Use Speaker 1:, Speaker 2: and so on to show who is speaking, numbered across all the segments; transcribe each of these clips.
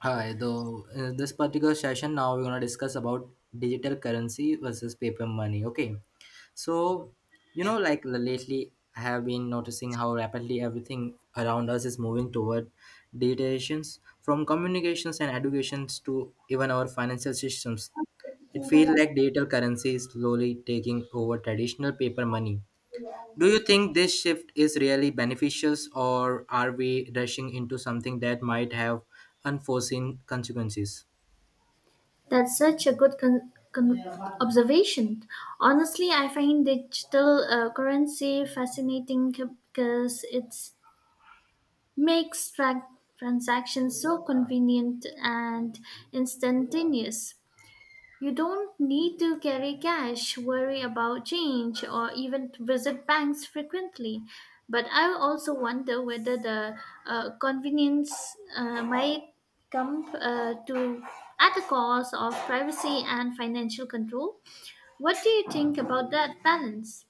Speaker 1: Hi, though in this particular session now we're gonna discuss about digital currency versus paper money. Okay, so, like lately I have been noticing how rapidly everything around us is moving toward digitizations, from communications and educations to even our financial systems. It feels like digital currency is slowly taking over traditional paper money. Do you think this shift is really beneficial, or are we rushing into something that might have unforeseen consequences?
Speaker 2: That's such a good observation. Honestly, I find digital currency fascinating because it makes transactions so convenient and instantaneous. You don't need to carry cash, worry about change, or even visit banks frequently. But I also wonder whether the convenience might come to at the cost of privacy and financial control. What do you think about that balance?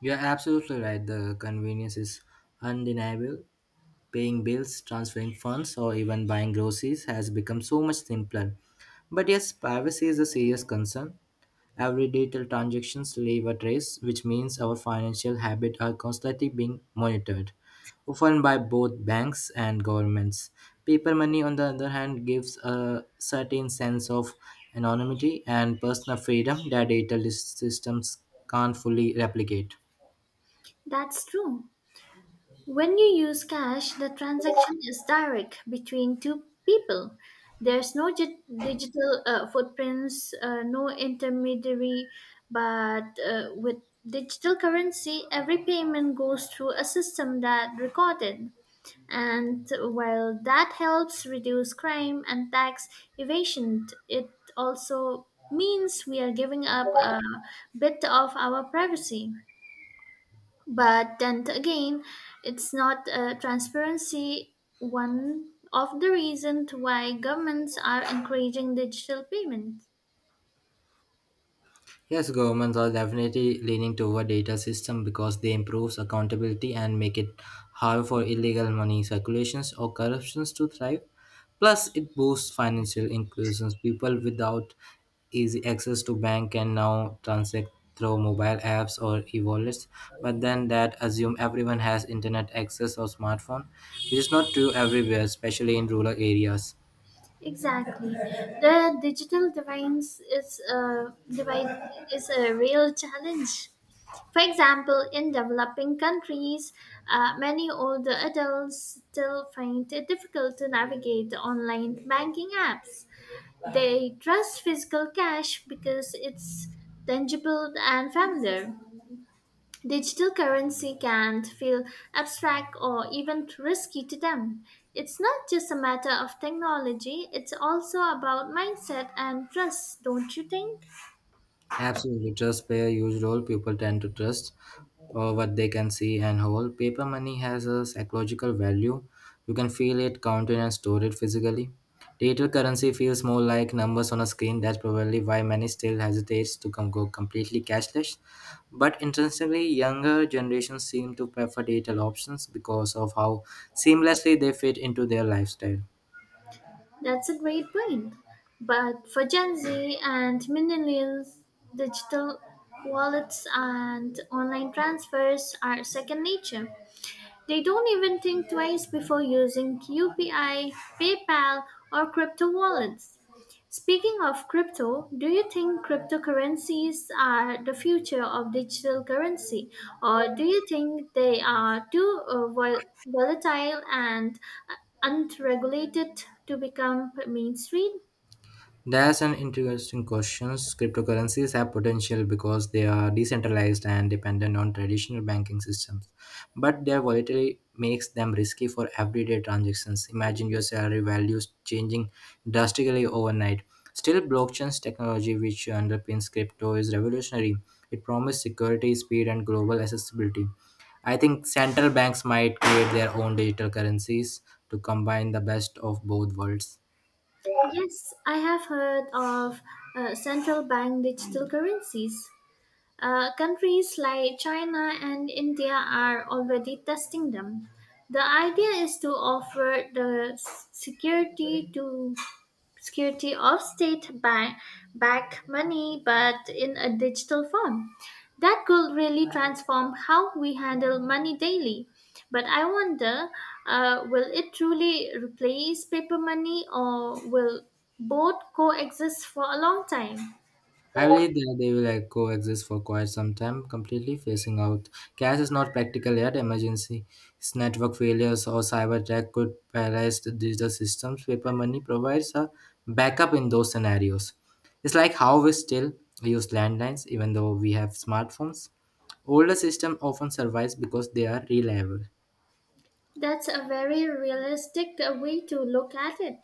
Speaker 1: You're absolutely right. The convenience is undeniable. Paying bills, transferring funds, or even buying groceries has become so much simpler. But yes, privacy is a serious concern. Every detailed transactions leave a trace, which means our financial habits are constantly being monitored, often by both banks and governments. Paper money, on the other hand, gives a certain sense of anonymity and personal freedom that digital systems can't fully replicate.
Speaker 2: That's true. When you use cash, the transaction is direct between two people. There's digital footprints, no intermediary, but with digital currency, every payment goes through a system that recorded. And while that helps reduce crime and tax evasion, it also means we are giving up a bit of our privacy. But then again, it's not transparency one of the reasons why governments are encouraging digital payments.
Speaker 1: Yes, governments are definitely leaning toward data system because they improves accountability and make it hard for illegal money circulations or corruptions to thrive. Plus, it boosts financial inclusions. People without easy access to bank can now transact through mobile apps or e-wallets. But then that assume everyone has internet access or smartphone, which is not true everywhere, especially in rural areas.
Speaker 2: Exactly, the digital divines is a divide is a real challenge. For example, in developing countries, many older adults still find it difficult to navigate online banking apps. They trust physical cash because it's tangible and familiar. Digital currency can feel abstract or even risky to them. It's not just a matter of technology, it's also about mindset and trust, don't you think?
Speaker 1: Absolutely, trust play a huge role. People tend to trust what they can see and hold. Paper money has a psychological value. You can feel it, count it, and store it physically. Digital currency feels more like numbers on a screen. That's probably why many still hesitate to go completely cashless. But interestingly, younger generations seem to prefer digital options because of how seamlessly they fit into their lifestyle.
Speaker 2: That's a great point. But for Gen Z and millennials, digital wallets and online transfers are second nature. They don't even think twice before using UPI, PayPal, or crypto wallets. Speaking of crypto, do you think cryptocurrencies are the future of digital currency, or do you think they are too volatile and uh, unregulated to become mainstream?
Speaker 1: That's an interesting question. Cryptocurrencies have potential because they are decentralized and dependent on traditional banking systems, but their volatility makes them risky for everyday transactions. Imagine your salary values changing drastically overnight. Still, blockchain's technology, which underpins crypto, is revolutionary. It promises security, speed, and global accessibility. I think central banks might create their own digital currencies to combine the best of both worlds.
Speaker 2: Yes, I have heard of central bank digital currencies. Countries like China and India are already testing them. The idea is to offer the security to security of state bank back money but in a digital form. That could really transform how we handle money daily. But I wonder, will it truly replace paper money or will both coexist for a long time?
Speaker 1: I believe that they will, like, coexist for quite some time, completely phasing out. Cash is not practical yet. Emergency, network failures, or cyber attack could paralyze the digital systems. Paper money provides a backup in those scenarios. It's like how we still use landlines, even though we have smartphones. Older systems often survive because they are reliable.
Speaker 2: That's a very realistic way to look at it.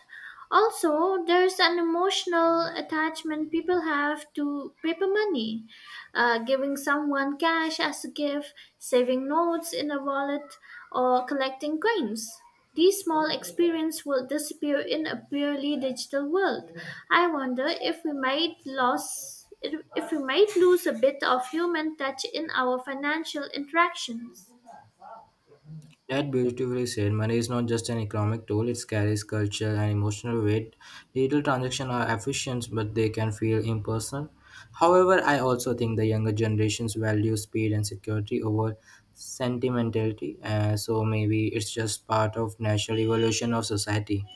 Speaker 2: Also, there's an emotional attachment people have to paper money. Giving someone cash as a gift, saving notes in a wallet, or collecting coins. These small experiences will disappear in a purely digital world. I wonder if we might lose If we might lose a bit of human touch in our financial interactions.
Speaker 1: That beautifully said, money is not just an economic tool, it carries cultural and emotional weight. Digital transactions are efficient, but they can feel impersonal. However, I also think the younger generations value speed and security over sentimentality, so maybe it's just part of natural evolution of society.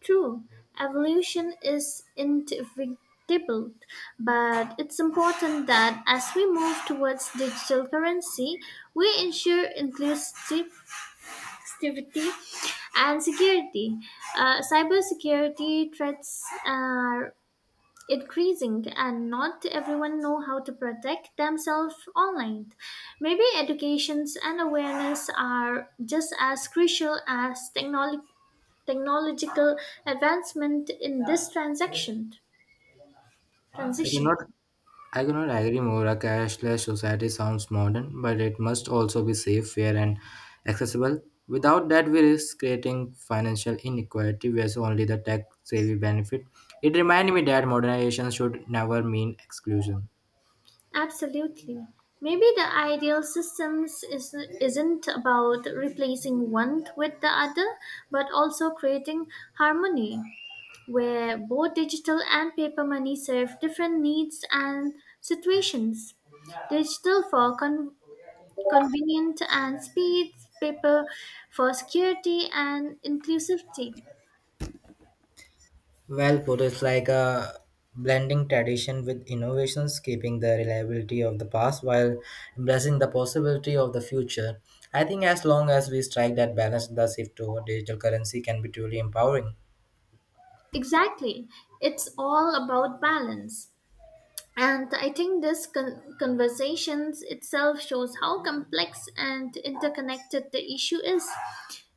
Speaker 2: True, evolution is inevitable, but it's important that as we move towards digital currency, we ensure inclusivity and security. Cybersecurity threats are increasing and not everyone know how to protect themselves online, maybe educations and awareness are just as crucial as technology technological advancement in this transaction
Speaker 1: I
Speaker 2: transition.
Speaker 1: cannot I cannot agree more. A cashless society sounds modern, but it must also be safe, fair, and accessible. Without that, we risk creating financial inequality where so only the tech savvy benefit. It reminds me that modernization should never mean exclusion.
Speaker 2: Absolutely, maybe the isn't about replacing one with the other but also creating harmony where both digital and paper money serve different needs and situations. Digital for convenient and speed, paper for security and inclusivity.
Speaker 1: Well put, it's like a blending tradition with innovations, keeping the reliability of the past while embracing the possibility of the future. I think as long as we strike that balance, the shift toward digital currency can be truly empowering.
Speaker 2: Exactly. It's all about balance. And I think this conversation itself shows how complex and interconnected the issue is.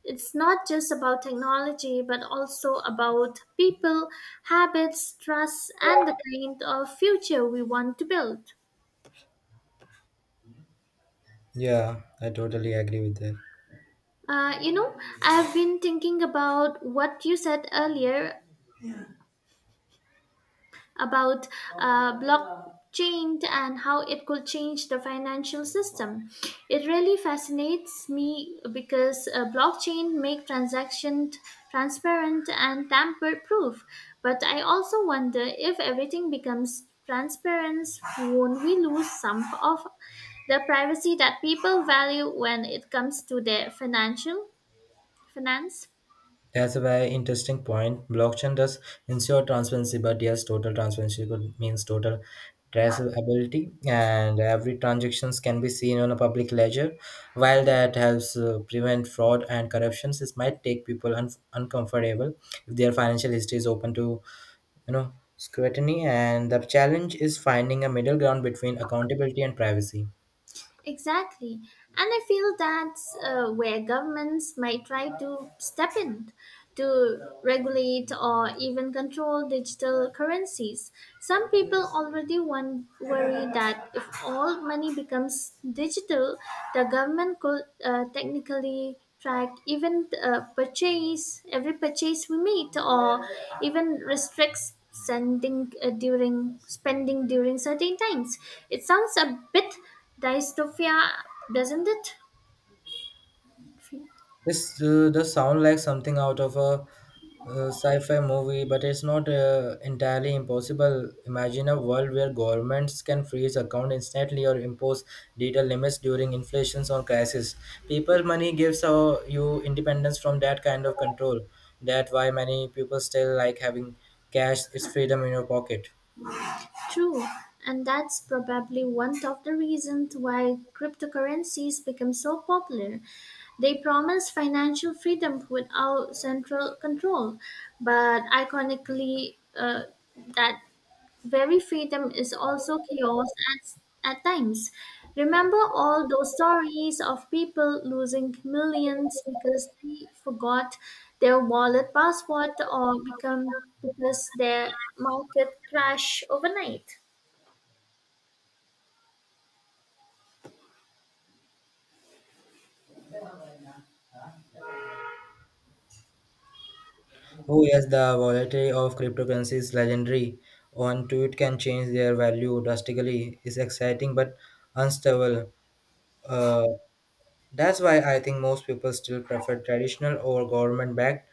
Speaker 2: It's not just about technology, but also about people, habits, trust, and the kind of future we want to build.
Speaker 1: Yeah, I totally agree with that.
Speaker 2: Uh, you know, I have been thinking about what you said earlier about blockchain and how it could change the financial system. It really fascinates me because blockchain make transactions transparent and tamper proof. But I also wonder if everything becomes transparent, won't we lose some of the privacy that people value when it comes to their financial finance?
Speaker 1: That's a very interesting point. Blockchain does ensure transparency, but yes, total transparency could means total traceability, and every transactions can be seen on a public ledger. While that helps prevent fraud and corruptions, it might take people uncomfortable if their financial history is open to scrutiny. And the challenge is finding a middle ground between accountability and privacy.
Speaker 2: Exactly. And I feel that's where governments might try to step in to regulate or even control digital currencies. Some people already one worry that if all money becomes digital, the government could technically track even purchase every purchase we make or even restricts sending during spending during certain times. It sounds a bit Dystopia, doesn't it?
Speaker 1: This does sound like something out of a sci-fi movie, but it's not entirely impossible. Imagine a world where governments can freeze account instantly or impose data limits during inflations or crisis. Paper money gives you independence from that kind of control. That's why many people still like having cash. It's freedom in your pocket.
Speaker 2: True, and that's probably one of the reasons why cryptocurrencies become so popular. They promise financial freedom without central control, but iconically, that very freedom is also chaos at times. Remember all those stories of people losing millions because they forgot their wallet password or become because their market crashed overnight.
Speaker 1: Oh yes, the volatility of cryptocurrency is legendary. One tweet can change their value drastically. It's exciting but unstable. Uh, that's why I think most people still prefer traditional over government-backed.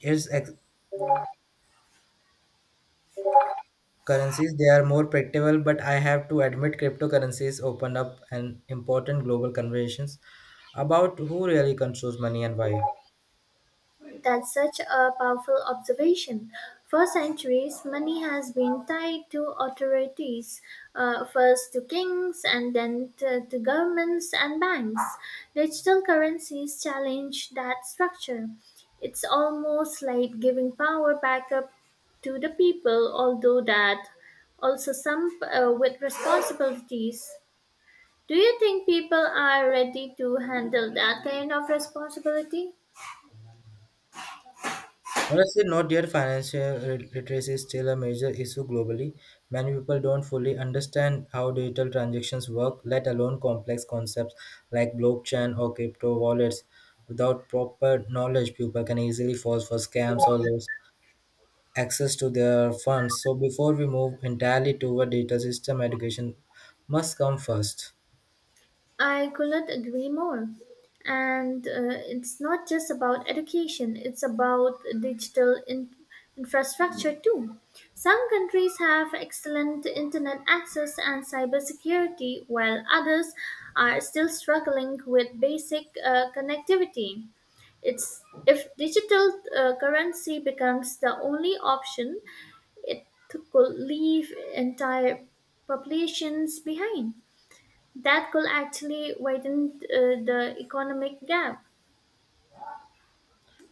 Speaker 1: It's currencies they are more predictable, but I have to admit cryptocurrencies open up an important global conversations about who really controls money and why.
Speaker 2: That's such a powerful observation. For centuries, money has been tied to authorities, first to kings and then to governments and banks. Digital currencies challenge that structure. It's almost like giving power back up to the people, although that also some with responsibilities. Do you think people are ready to handle that kind of responsibility?
Speaker 1: Honestly, not yet. Financial literacy is still a major issue globally. Many people don't fully understand how digital transactions work, let alone complex concepts like blockchain or crypto wallets. Without proper knowledge, people can easily fall for scams or lose access to their funds. So, before we move entirely toward data system, education must come first.
Speaker 2: I could not agree more. And it's not just about education, it's about digital infrastructure too. Some countries have excellent internet access and cybersecurity, while others are still struggling with basic connectivity. It's if digital currency becomes the only option, it could leave entire populations behind. That could actually widen the economic gap.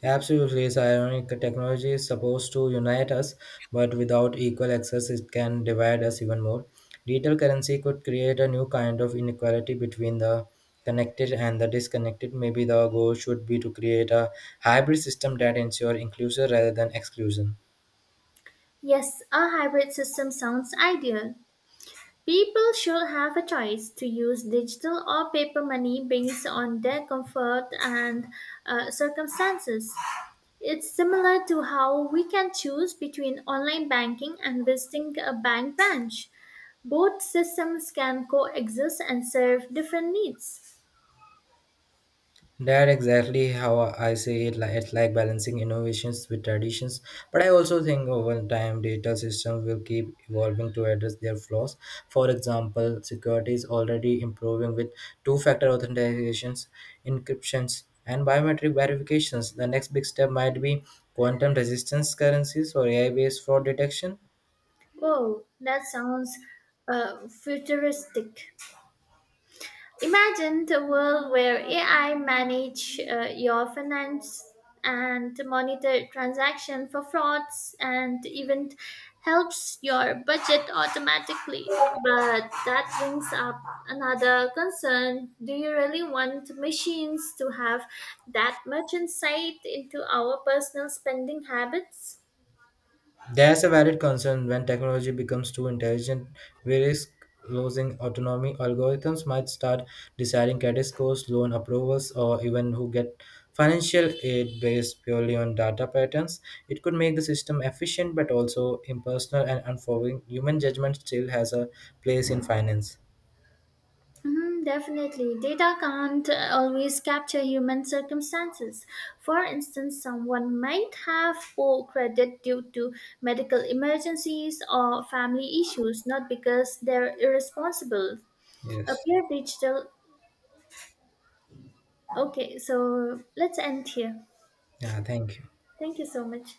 Speaker 1: Absolutely, it's ironic that technology is supposed to unite us, but without equal access, it can divide us even more. Digital currency could create a new kind of inequality between the connected and the disconnected. Maybe the goal should be to create a hybrid system that ensures inclusion rather than exclusion.
Speaker 2: Yes, a hybrid system sounds ideal. People should have a choice to use digital or paper money based on their comfort and circumstances. It's similar to how we can choose between online banking and visiting a bank branch. Both systems can coexist and serve different needs.
Speaker 1: That exactly how I say it. Like it's like balancing innovations with traditions. But I also think over time data systems will keep evolving to address their flaws. For example, security is already improving with two-factor authentications, encryptions, and biometric verifications. The next big step might be quantum resistance currencies or AI-based fraud detection.
Speaker 2: Whoa, that sounds futuristic. Imagine the world where AI manage your finance and monitor transaction for frauds and even helps your budget automatically. But that brings up another concern. Do you really want machines to have that much insight into our personal spending habits?
Speaker 1: There's a valid concern when technology becomes too intelligent, we risk losing autonomy. Algorithms might start deciding credit scores, loan approvals, or even who get financial aid based purely on data patterns. It could make the system efficient but also impersonal and unforgiving. Human judgment still has a place in finance.
Speaker 2: Mhm, definitely. Data can't always capture human circumstances. For instance, someone might have poor credit due to medical emergencies or family issues, not because they're irresponsible. A
Speaker 1: Yes.
Speaker 2: pure digital. Okay, so let's end here.
Speaker 1: Yeah, thank you.
Speaker 2: Thank you so much.